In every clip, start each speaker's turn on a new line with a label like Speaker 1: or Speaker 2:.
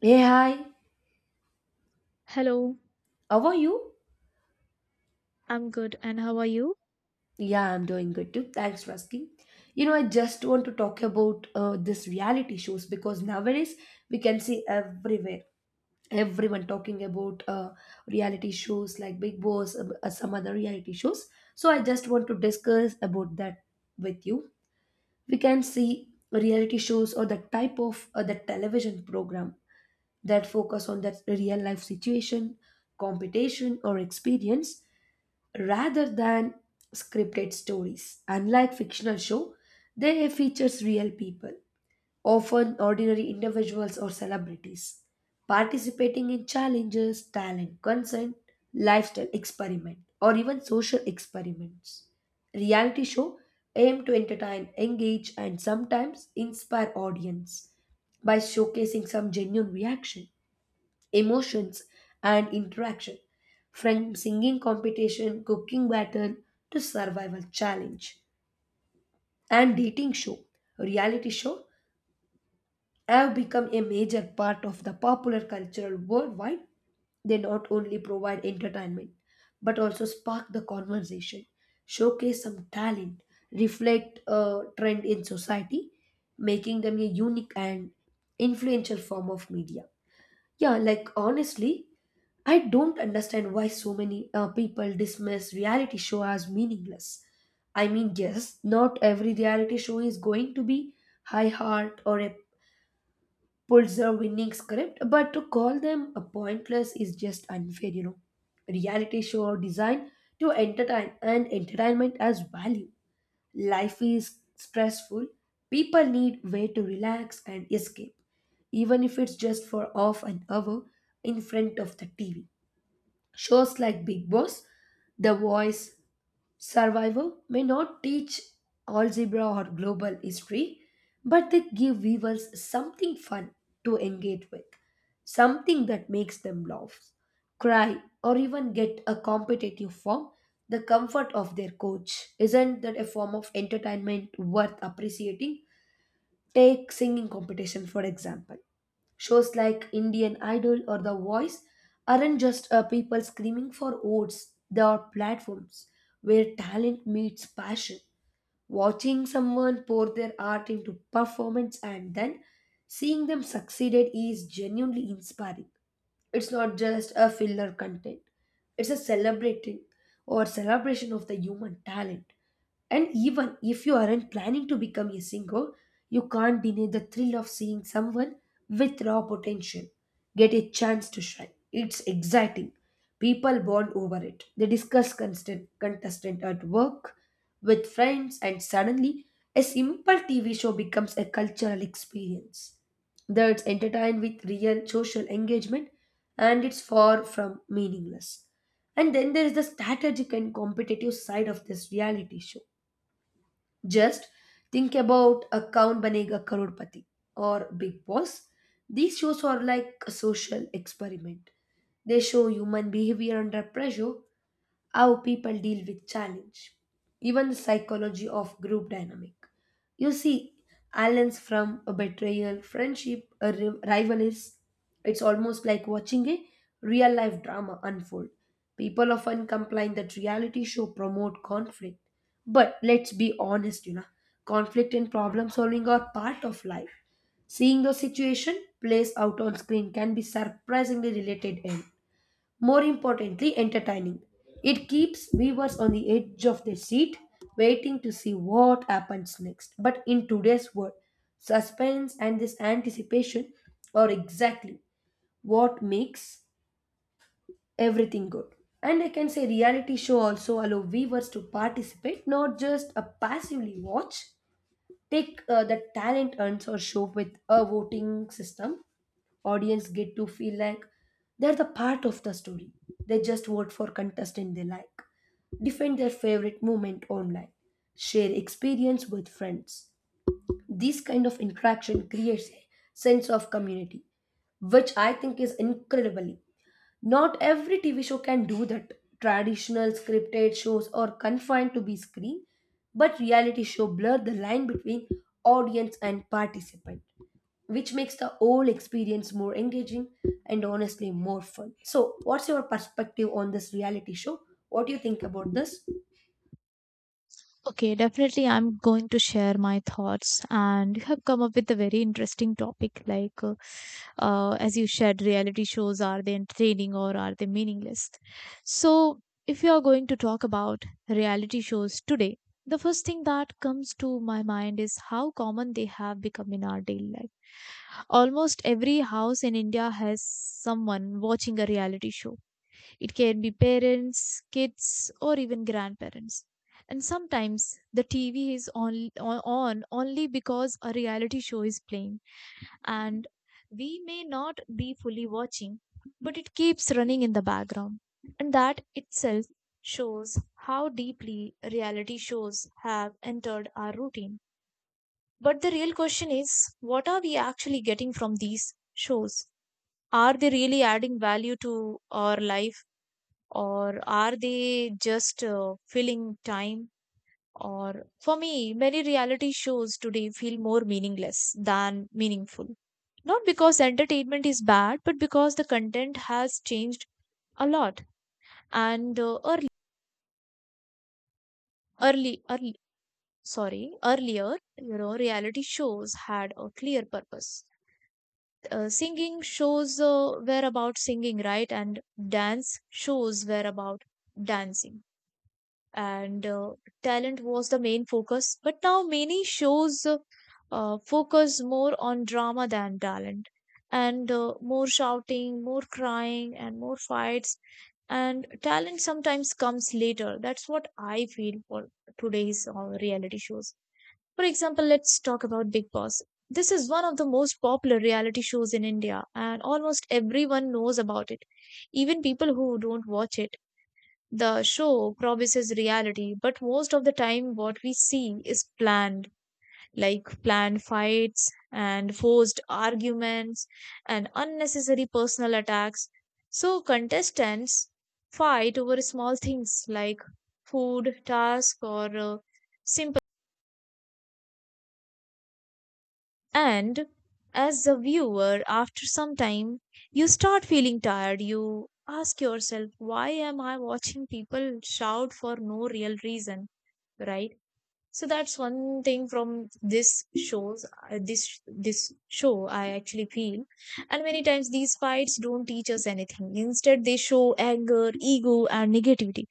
Speaker 1: Hey, hi.
Speaker 2: Hello,
Speaker 1: How are you?
Speaker 2: I'm good, and how are you?
Speaker 1: Yeah, I'm doing good too. Thanks for asking. You know, I just want to talk about this reality shows because nowadays we can see everywhere everyone talking about reality shows like Big Boss, some other reality shows. So I just want to discuss about that with you. We can see reality shows or the type of the television program that focus on that real life situation, competition, or experience rather than scripted stories. Unlike fictional show, they features real people, often ordinary individuals or celebrities, participating in challenges, talent, consent, lifestyle experiment, or even social experiments. Reality show aim to entertain, engage, and sometimes inspire audience by showcasing some genuine reaction emotions, and interaction, from singing competition, cooking battle, to survival challenge. And dating show, reality show, have become a major part of the popular cultural worldwide. They not only provide entertainment, but also spark the conversation, showcase some talent, reflect a trend in society, making them a unique and influential form of media. Yeah, like honestly, I don't understand why so many people dismiss reality show as meaningless. I mean, yes, not every reality show is going to be high heart or a Pulitzer winning script, but to call them a pointless is just unfair, you know. Reality show are designed to entertain and entertainment as value. Life is stressful. People need way to relax and escape, even if it's just for half an hour in front of the TV. Shows like Big Boss, The Voice, Survival may not teach algebra or global history, but they give viewers something fun to engage with, something that makes them laugh, cry, or even get a competitive from the comfort of their coach. Isn't that a form of entertainment worth appreciating? Take singing competition, for example. Shows like Indian Idol or The Voice aren't just people screaming for votes, they are platforms where talent meets passion. Watching someone pour their art into performance and then seeing them succeeded is genuinely inspiring. It's not just a filler content. It's a celebrating or celebration of the human talent. And even if you aren't planning to become a singer, you can't deny the thrill of seeing someone with raw potential get a chance to shine. It's exciting. People bond over it. They discuss constant contestant at work with friends, and suddenly a simple TV show becomes a cultural experience. Though it's entertained with real social engagement and it's far from meaningless. And then there is the strategic and competitive side of this reality show. Just think about a Kaun Banega Karodpati or Big Boss. These shows are like a social experiment. They show human behavior under pressure how people deal with challenge, even the psychology of group dynamic. You see, allens from a betrayal, friendship, rivalries. It's almost like watching a real life drama unfold. People often complain that reality show promote conflict, but let's be honest, you know, conflict and problem solving are part of life. Seeing the situation plays out on screen can be surprisingly related. In more importantly, entertaining. It keeps viewers on the edge of their seat, waiting to see what happens next. But in today's world, suspense and this anticipation are exactly what makes everything good. And I can say reality show also allow viewers to participate, not just a passively watch. Take the talent earns or show with a voting system. Audience get to feel like they're the part of the story. They just vote for contestant they like, defend their favorite moment online, share experience with friends. This kind of interaction creates a sense of community, which I think is incredibly not every TV show can do that. Traditional scripted shows are confined to be screen, but reality show blur the line between audience and participant, which makes the whole experience more engaging and honestly more fun. So, what's your perspective on this reality show? What do you think about this?
Speaker 2: Okay, definitely, I'm going to share my thoughts, and you have come up with a very interesting topic. As you shared, reality shows, are they entertaining or are they meaningless? So, if you are going to talk about reality shows today, the first thing that comes to my mind is how common they have become in our daily life. Almost every house in India has someone watching a reality show. It can be parents, kids, or even grandparents. And sometimes the TV is on only because a reality show is playing, and we may not be fully watching, but it keeps running in the background. And that itself shows how deeply reality shows have entered our routine. But the real question is, what are we actually getting from these shows? Are they really adding value to our life, or are they just filling time? Or for me, many reality shows today feel more meaningless than meaningful. Not because entertainment is bad, but because the content has changed a lot. And early, early, early, sorry, earlier, you know, reality shows had a clear purpose. Singing shows were about singing, right? And dance shows were about dancing, and talent was the main focus. But now many shows focus more on drama than talent, and more shouting, more crying, and more fights. And talent sometimes comes later. That's what I feel for today's reality shows. For example, let's talk about Big Boss. This is one of the most popular reality shows in India, and almost everyone knows about it, even people who don't watch it. The show promises reality, but most of the time, what we see is planned, like planned fights and forced arguments and unnecessary personal attacks. So, contestants fight over small things like food, task, or simple. And as a viewer, after some time, you start feeling tired. You ask yourself, why am I watching people shout for no real reason, right? So that's one thing from this shows, this show I actually feel. And many times these fights don't teach us anything. Instead, they show anger, ego, and negativity.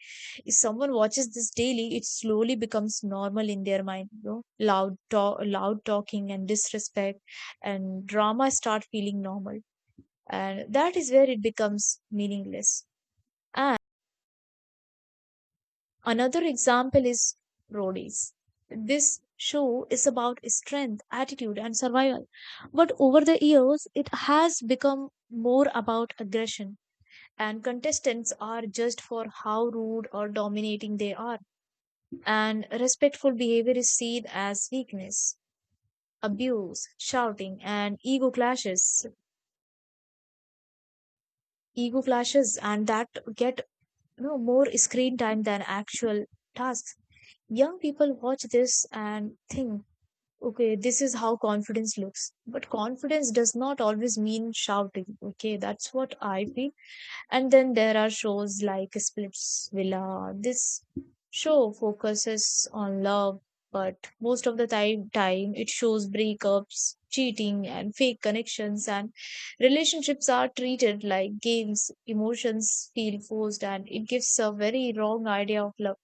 Speaker 2: If someone watches this daily, it slowly becomes normal in their mind, you know. Loud talk, loud talking, and disrespect and drama start feeling normal. And that is where it becomes meaningless. Another example is roadies. This show is about strength, attitude, and survival. But over the years, it has become more about aggression, and contestants are judged for how rude or dominating they are. And respectful behavior is seen as weakness. Abuse, shouting, and ego clashes, and that get, you know, more screen time than actual tasks. Young people watch this and think, okay, this is how confidence looks. But confidence does not always mean shouting. Okay, that's what I feel. And then there are shows like Splitsvilla. This show focuses on love, but most of the time it shows breakups, cheating, and fake connections. And relationships are treated like games. Emotions feel forced, and it gives a very wrong idea of love,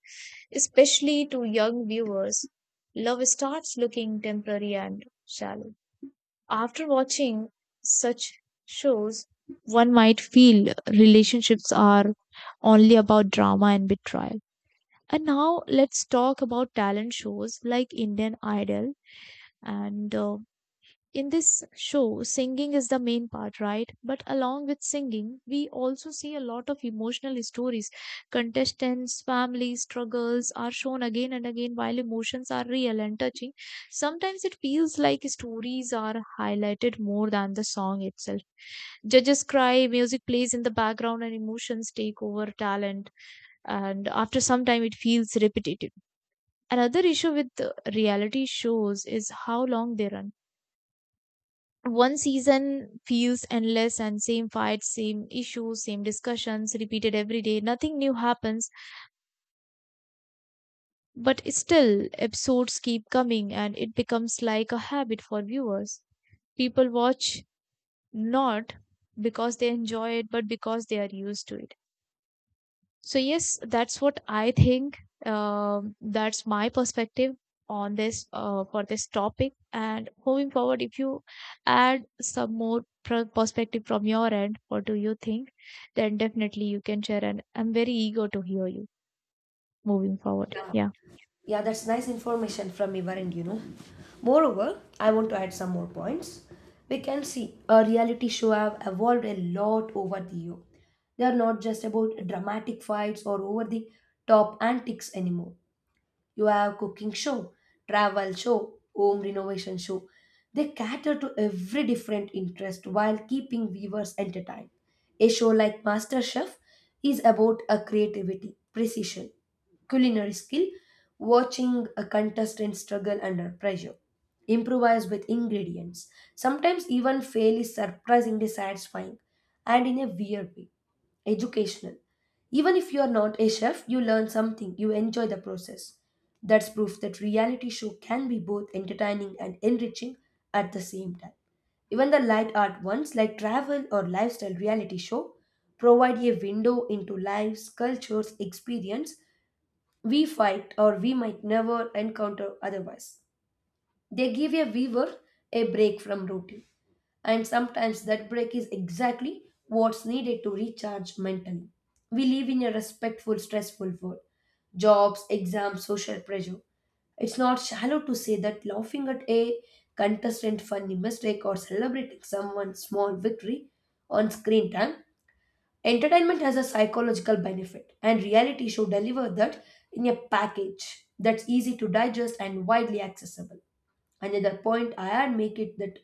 Speaker 2: especially to young viewers. Love starts looking temporary and shallow. After watching such shows, one might feel relationships are only about drama and betrayal. And now let's talk about talent shows like Indian Idol, and in this show, singing is the main part, right? But along with singing, we also see a lot of emotional stories. Contestants' family struggles are shown again and again. While emotions are real and touching, sometimes it feels like stories are highlighted more than the song itself. Judges cry, music plays in the background, and emotions take over talent. And after some time, it feels repetitive. Another issue with the reality shows is how long they run. One season feels endless, and same fights, same issues, same discussions repeated every day. Nothing new happens, but still episodes keep coming, and it becomes like a habit for viewers. People watch not because they enjoy it, but because they are used to it. So, yes, that's what I think. That's my perspective on this topic. And moving forward, if you add some more perspective from your end, what do you think? Then definitely you can share, and I'm very eager to hear you moving forward.
Speaker 1: Yeah.
Speaker 2: Yeah.
Speaker 1: Yeah, that's nice information from your end, you know. Moreover, I want to add some more points. We can see a reality show have evolved a lot over the year. They are not just about dramatic fights or over the top antics anymore. You have cooking show, travel show, home renovation show. They cater to every different interest while keeping viewers entertained. A show like MasterChef is about a creativity, precision, culinary skill, watching a contestant struggle under pressure, improvise with ingredients. Sometimes even fail is surprisingly satisfying and in a weird way. Educational. Even if you are not a chef, you learn something, you enjoy the process. That's proof that reality show can be both entertaining and enriching at the same time. Even the light art ones like travel or lifestyle reality show provide a window into lives, cultures, experience we fight or we might never encounter otherwise. They give a viewer a break from routine. And sometimes that break is exactly what's needed to recharge mentally. We live in a respectful, stressful world jobs, exams, social pressure. It's not shallow to say that laughing at a contestant funny mistake or celebrating someone's small victory on screen time. Entertainment has a psychological benefit, and reality show deliver that in a package that's easy to digest and widely accessible. Another point I had make it that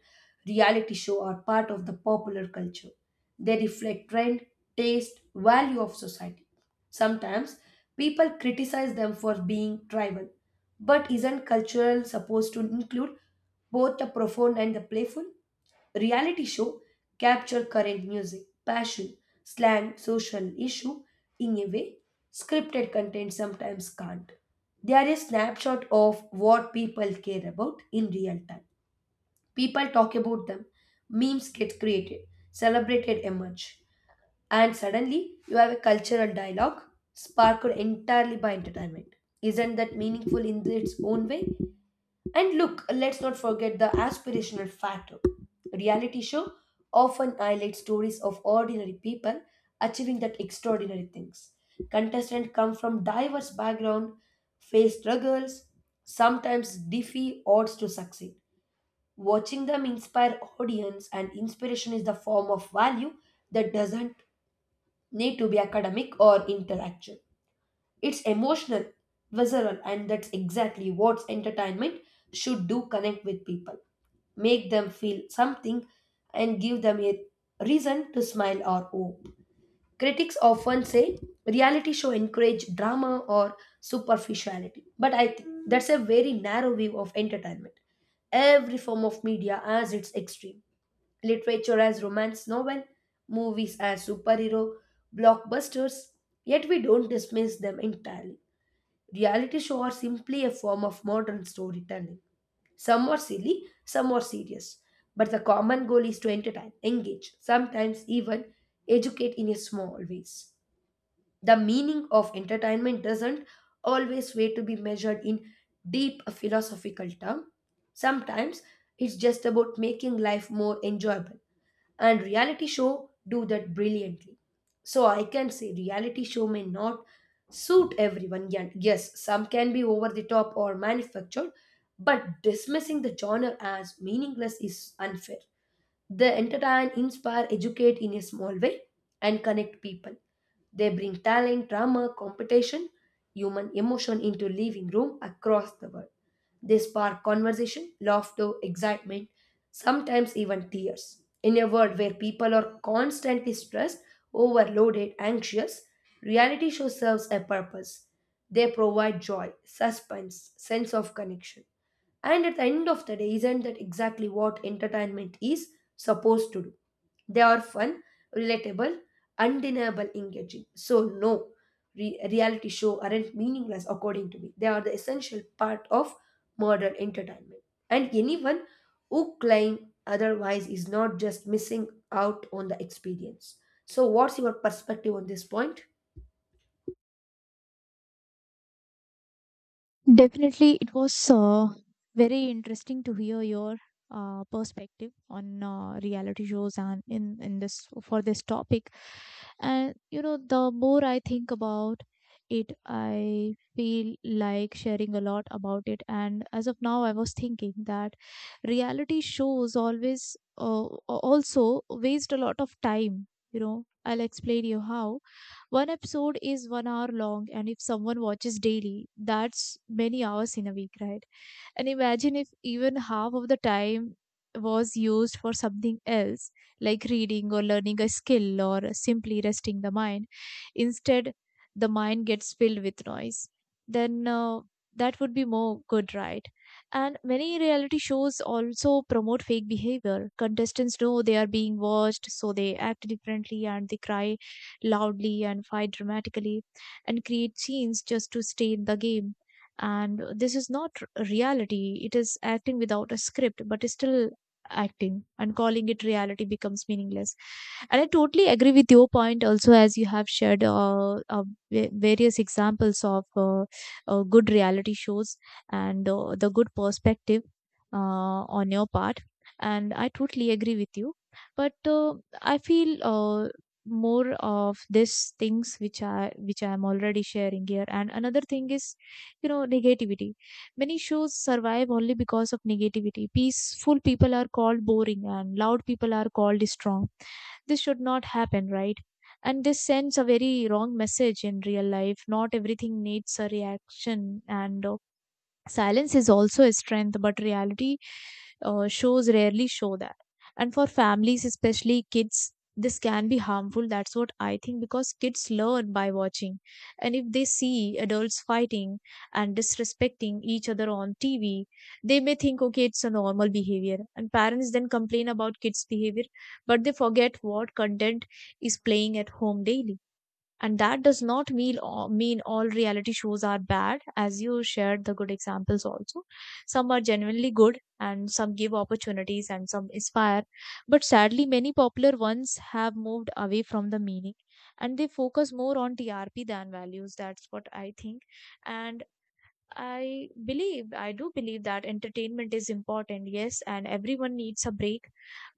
Speaker 1: reality show are part of the popular culture. They reflect trend, taste, value of society. Sometimes people criticize them for being tribal. But isn't cultural supposed to include both the profound and the playful? Reality show capture current music, passion, slang, social issue in a way scripted content sometimes can't. They are a snapshot of what people care about in real time. People talk about them, memes get created, celebrated emerge, and suddenly you have a cultural dialogue sparked entirely by entertainment. Isn't that meaningful in its own way? And look, let's not forget the aspirational factor. Reality show often highlight stories of ordinary people achieving that extraordinary things. Contestants come from diverse background, face struggles, sometimes defy odds to succeed. Watching them inspire audience and inspiration is the form of value that doesn't need to be academic or intellectual. It's emotional, visceral, and that's exactly what entertainment should do connect with people, make them feel something, and give them a reason to smile or hope. Critics often say reality show encourage drama or superficiality, but I think that's a very narrow view of entertainment. Every form of media has its extreme. Literature as romance novel, movies as superhero, blockbusters, yet we don't dismiss them entirely. Reality shows are simply a form of modern storytelling. Some are silly, some are serious. But the common goal is to entertain, engage, sometimes even educate in a small ways. The meaning of entertainment doesn't always way to be measured in deep philosophical term. Sometimes it's just about making life more enjoyable and reality show do that brilliantly. So I can say reality show may not suit everyone. Yes, some can be over the top or manufactured, but dismissing the genre as meaningless is unfair. They entertain, inspire, educate in a small way, and connect people. They bring talent, drama, competition, human emotion into living room across the world. They spark conversation, laughter, excitement, sometimes even tears. In a world where people are constantly stressed, overloaded, anxious, reality show serves a purpose. They provide joy, suspense, sense of connection. And at the end of the day, isn't that exactly what entertainment is supposed to do? They are fun, relatable, undeniable, engaging. So, no, reality show aren't meaningless according to me. They are the essential part of modern entertainment. And anyone who claim otherwise is not just missing out on the experience. So, what's your perspective on this point?
Speaker 2: Definitely, it was very interesting to hear your perspective on reality shows, and in this for this topic. And you know, the more I think about it, I feel like sharing a lot about it. And as of now, I was thinking that reality shows always uh, also waste a lot of time. You know, I'll explain you how. One episode is 1 hour long, and if someone watches daily, that's many hours in a week, right? And imagine if even half of the time was used for something else, like reading or learning a skill or simply resting the mind. Instead, the mind gets filled with noise. Then that would be more good, right? And many reality shows also promote fake behavior. Contestants know they are being watched, so they act differently, and they cry loudly and fight dramatically and create scenes just to stay in the game. And this is not reality. It is acting without a script, but it's still acting, and calling it reality becomes meaningless. And I totally agree with your point also. As you have shared, various examples of good reality shows and the good perspective on your part, and I totally agree with you. But I feel, more of these things which I am already sharing here. And another thing is, you know, negativity. Many shows survive only because of negativity. Peaceful people are called boring, and loud people are called strong. This should not happen, right? And this sends a very wrong message. In real life, not everything needs a reaction. And silence is also a strength, but reality shows rarely show that. And for families, especially kids, this can be harmful. That's what I think, because kids learn by watching. And if they see adults fighting and disrespecting each other on TV, they may think, okay, it's a normal behavior. And parents then complain about kids' behavior, but they forget what content is playing at home daily. And that does not mean all reality shows are bad. As you shared the good examples also, some are genuinely good, and some give opportunities, and some inspire. But sadly, many popular ones have moved away from the meaning, and they focus more on trp than values. That's what I think. And I believe, I do believe that entertainment is important, yes, and everyone needs a break.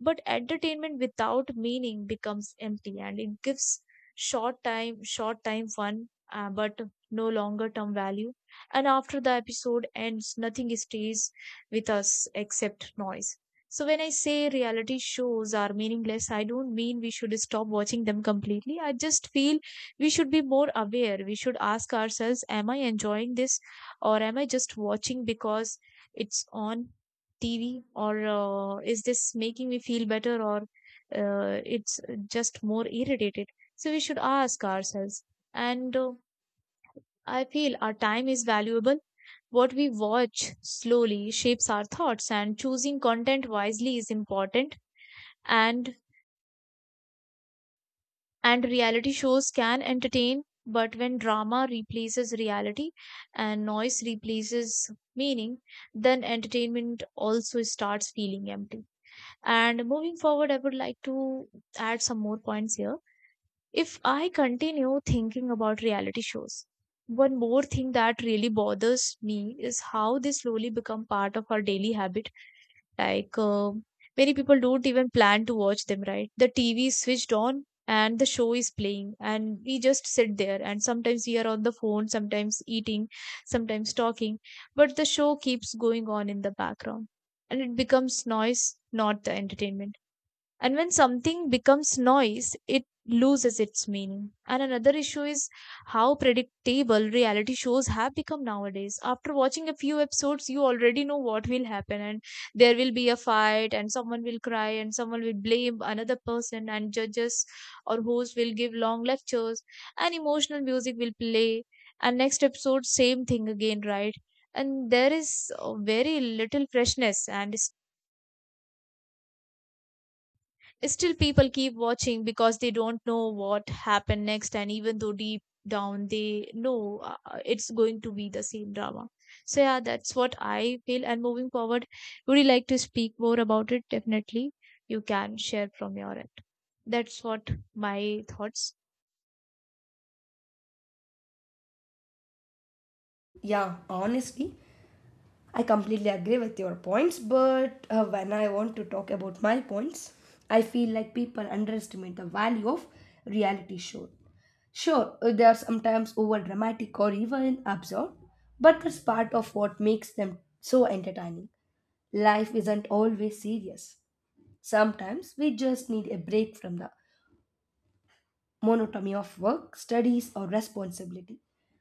Speaker 2: But entertainment without meaning becomes empty, and it gives short time fun, but no longer term value. And after the episode ends, nothing stays with us except noise. So when I say reality shows are meaningless, I don't mean we should stop watching them completely. I just feel we should be more aware. We should ask ourselves, am I enjoying this, or am I just watching because it's on TV? Or, is this making me feel better, or, it's just more irritated? So we should ask ourselves. And I feel our time is valuable. What we watch slowly shapes our thoughts, and choosing content wisely is important. And And reality shows can entertain, but when drama replaces reality and noise replaces meaning, then entertainment also starts feeling empty. And moving forward, I would like to add some more points here. If I continue thinking about reality shows, one more thing that really bothers me is how they slowly become part of our daily habit. like, um Many people don't even plan to watch them, right? The TV is switched on and the show is playing, and we just sit there. And sometimes we are on the phone, sometimes eating, sometimes talking, but the show keeps going on in the background, and it becomes noise, not the entertainment. And when something becomes noise, it loses its meaning. And another issue is how predictable reality shows have become nowadays. After watching a few episodes, you already know what will happen. And there will be a fight, and someone will cry, and someone will blame another person, and judges or hosts will give long lectures, and emotional music will play, and next episode same thing again, right? And there is very little freshness. And still, people keep watching because they don't know what happened next, and even though deep down they know it's going to be the same drama. So, yeah, that's what I feel. And moving forward, would you like to speak more about it? Definitely, you can share from your end. That's what my thoughts.
Speaker 1: Yeah, honestly, I completely agree with your points, but when I want to talk about my points, I feel like people underestimate the value of reality show. Sure, they are sometimes over dramatic or even absurd, but that's part of what makes them so entertaining. Life isn't always serious. Sometimes we just need a break from the monotony of work, studies, or responsibility.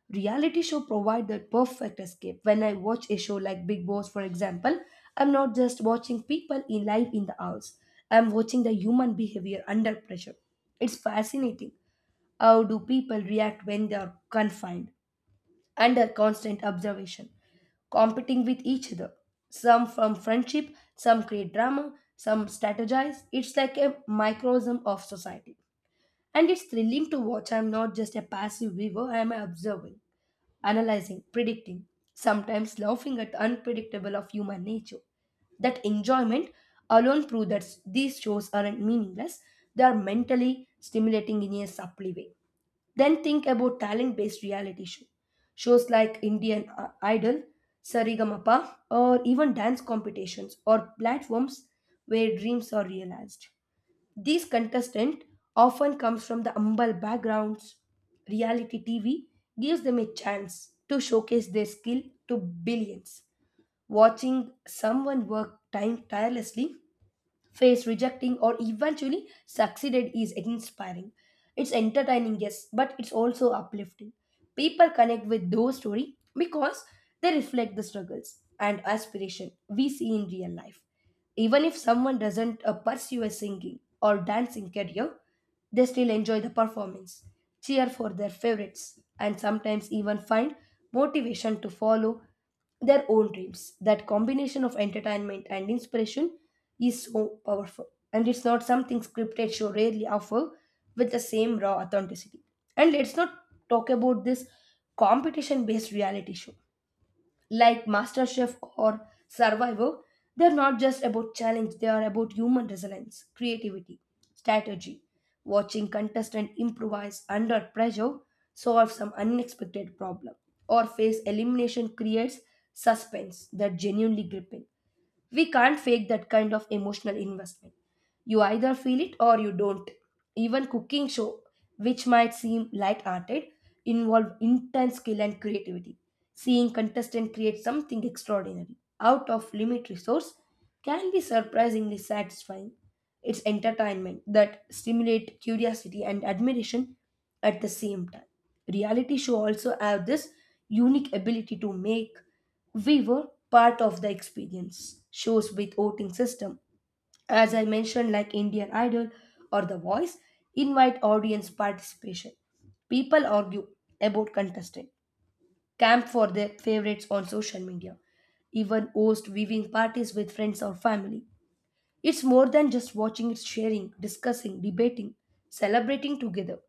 Speaker 1: Reality show provide the perfect escape. When I watch a show like Big Boss, for example, I'm not just watching people in life in the house. I'm watching the human behavior under pressure. It's fascinating. How do people react when they are confined, under constant observation, competing with each other? Some from friendship, some create drama, some strategize. It's like a microcosm of society. And it's thrilling to watch. I'm not just a passive viewer, I'm observing, analyzing, predicting, sometimes laughing at the unpredictable of human nature. That enjoyment alone proves that these shows aren't meaningless, they are mentally stimulating in a subtle way. Then think about talent based reality show. Shows like Indian Idol, Sarigamapa, or even dance competitions or platforms where dreams are realized. These contestants often comes from the humble backgrounds. Reality TV gives them a chance to showcase their skill to billions. Watching someone work time tirelessly faced, rejecting, or eventually succeeded is inspiring. It's entertaining, yes, but it's also uplifting. People connect with those stories because they reflect the struggles and aspiration we see in real life. Even if someone doesn't pursue a singing or dancing career, they still enjoy the performance, cheer for their favorites, and sometimes even find motivation to follow their old dreams. That combination of entertainment and inspiration is so powerful. And it's not something scripted show rarely offer with the same raw authenticity. And let's not talk about this competition based reality show like MasterChef or Survivor, they're not just about challenge, they are about human resilience, creativity, strategy. Watching contestant improvise under pressure, solve some unexpected problem, or face elimination creates suspense that genuinely gripping. We can't fake that kind of emotional investment. You either feel it or you don't. Even cooking show, which might seem light-hearted, involve intense skill and creativity. Seeing contestant create something extraordinary out of limit resource can be surprisingly satisfying. It's entertainment that stimulate curiosity and admiration at the same time. Reality show also have this unique ability to make we were part of the experience. Shows with voting system, as I mentioned, like Indian Idol or The Voice, invite audience participation. People argue about contestant, camp for their favorites on social media, even host viewing parties with friends or family. It's more than just watching, it's sharing, discussing, debating, celebrating together.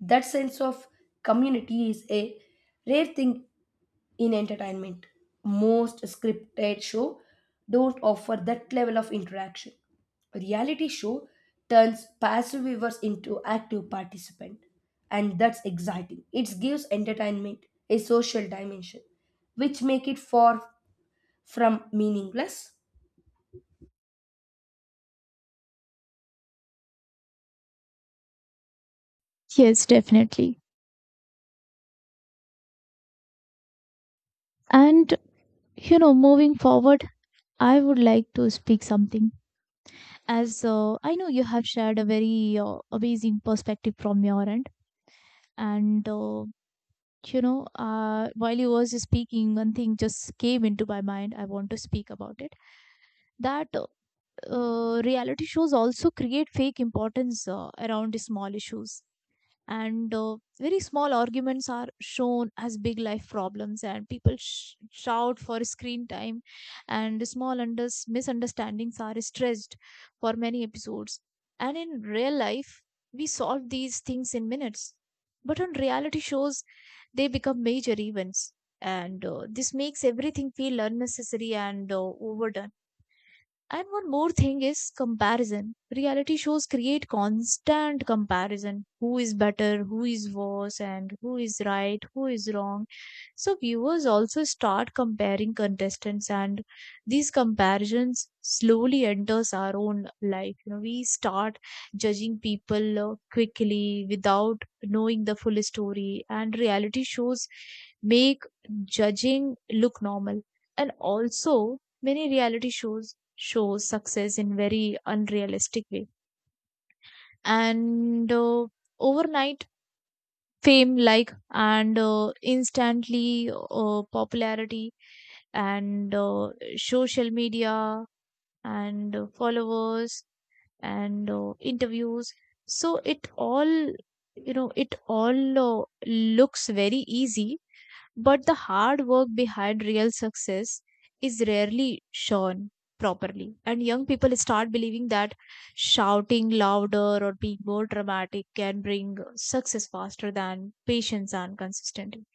Speaker 1: That sense of community is a rare thing in entertainment. Most scripted show don't offer that level of interaction. A reality show turns passive viewers into active participant and that's exciting. It gives entertainment a social dimension which make it far from meaningless.
Speaker 2: Yes, definitely. And moving forward, I would like to speak something. As I know you have shared a very amazing perspective from your end, and uh, while you was speaking, one thing just came into my mind. I want to speak about it. That Reality shows also create fake importance around small issues and very small arguments are shown as big life problems and people shout for screen time and small misunderstandings are stretched for many episodes, and in real life we solve these things in minutes, but on reality shows they become major events. And This makes everything feel unnecessary and overdone. And one more thing is comparison. Reality shows create constant comparison. Who is better, who is worse, and who is right, who is wrong. So viewers also start comparing contestants, and these comparisons slowly enters our own life. You know, we start judging people quickly without knowing the full story, and reality shows make judging look normal. And also, many reality shows show success in very unrealistic way, and overnight fame like, and instantly popularity, and social media, and followers, and interviews. So it all, you know, it all looks very easy, but the hard work behind real success is rarely shown properly. And young people start believing that shouting louder or being more dramatic can bring success faster than patience and consistency.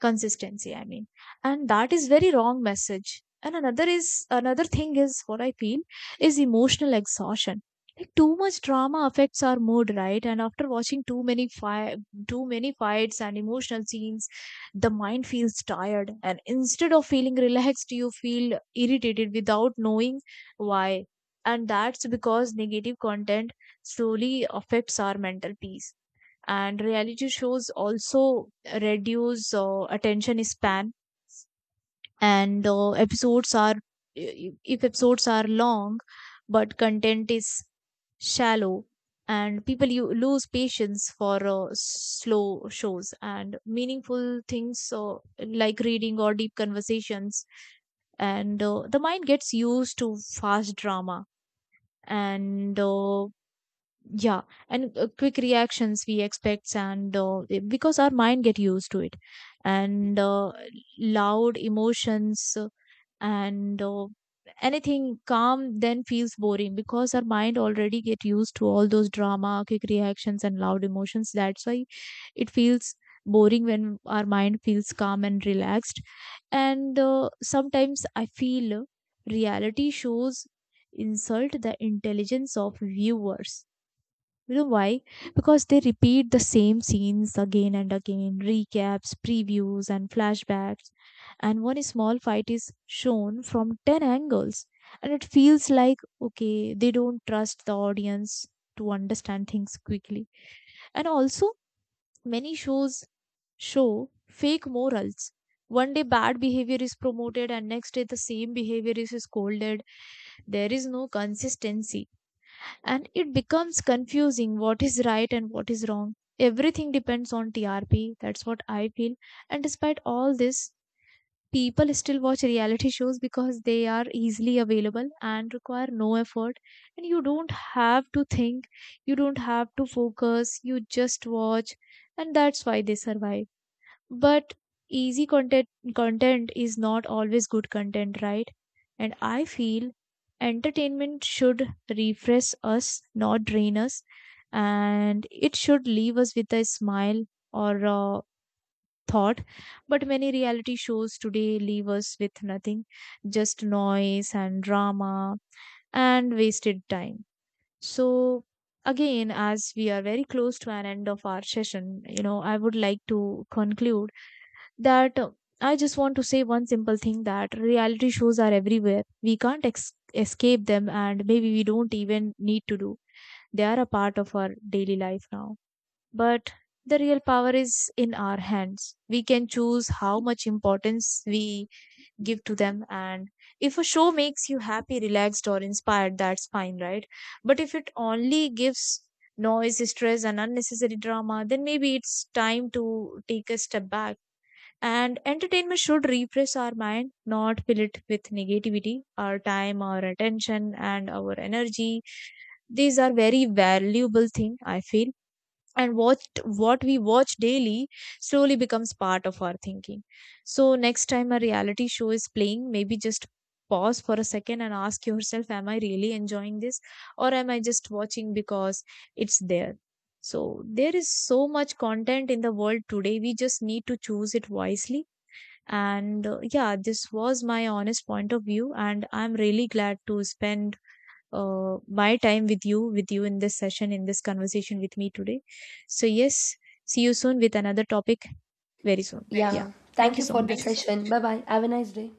Speaker 2: Consistency, I mean. And that is very wrong message. And another thing is what I feel is emotional exhaustion. Like too much drama affects our mood, right? And after watching too many fights and emotional scenes, the mind feels tired, and instead of feeling relaxed, you feel irritated without knowing why. And that's because negative content slowly affects our mental peace. And reality shows also reduce attention span and episodes are If episodes are long but content is shallow, and people you lose patience for slow shows and meaningful things, like reading or deep conversations, and the mind gets used to fast drama and uh, yeah and quick reactions we expect, and because our mind get used to it, and loud emotions, and anything calm then feels boring because our mind already get used to all those drama, quick reactions, and loud emotions. That's why it feels boring when our mind feels calm and relaxed. And Sometimes I feel reality shows insult the intelligence of viewers. You know why? Because they repeat the same scenes again and again, recaps, previews, and flashbacks. And one small fight is shown from 10 angles. And it feels like, okay, they don't trust the audience to understand things quickly. And also, many shows show fake morals. One day bad behavior is promoted, and next day the same behavior is scolded. There is no consistency and it becomes confusing what is right and what is wrong. Everything depends on TRP. That's what I feel. And despite all this, people still watch reality shows because they are easily available and require no effort. And you don't have to think, you don't have to focus, you just watch. And that's why they survive. But easy content is not always good content, right? And I feel entertainment should refresh us, not drain us, and it should leave us with a smile or a thought. But many reality shows today leave us with nothing, just noise and drama and wasted time. So again, as we are very close to an end of our session, you know, I would like to conclude that I just want to say one simple thing, that reality shows are everywhere. We can't escape them, and maybe we don't even need to do. They are a part of our daily life now. But the real power is in our hands. We can choose how much importance we give to them. And if a show makes you happy, relaxed, or inspired, that's fine, right? But if it only gives noise, stress, and unnecessary drama, then maybe it's time to take a step back. And entertainment should refresh our mind, not fill it with negativity. Our time, our attention, and our energy, these are very valuable thing, I feel. And what we watch daily slowly becomes part of our thinking. So next time a reality show is playing, maybe just pause for a second and ask yourself, am I really enjoying this? Or am I just watching because it's there? So there is so much content in the world today. We just need to choose it wisely and yeah, this was my honest point of view, and I'm really glad to spend my time with you in this session, in this conversation with me today. So yes, see you soon with another topic, very soon,
Speaker 1: Yes.
Speaker 2: yeah.
Speaker 1: Yeah.
Speaker 2: Thank
Speaker 1: Thank
Speaker 2: you
Speaker 1: you
Speaker 2: so
Speaker 1: for the
Speaker 2: much.
Speaker 1: so session. Bye bye. Have a nice day.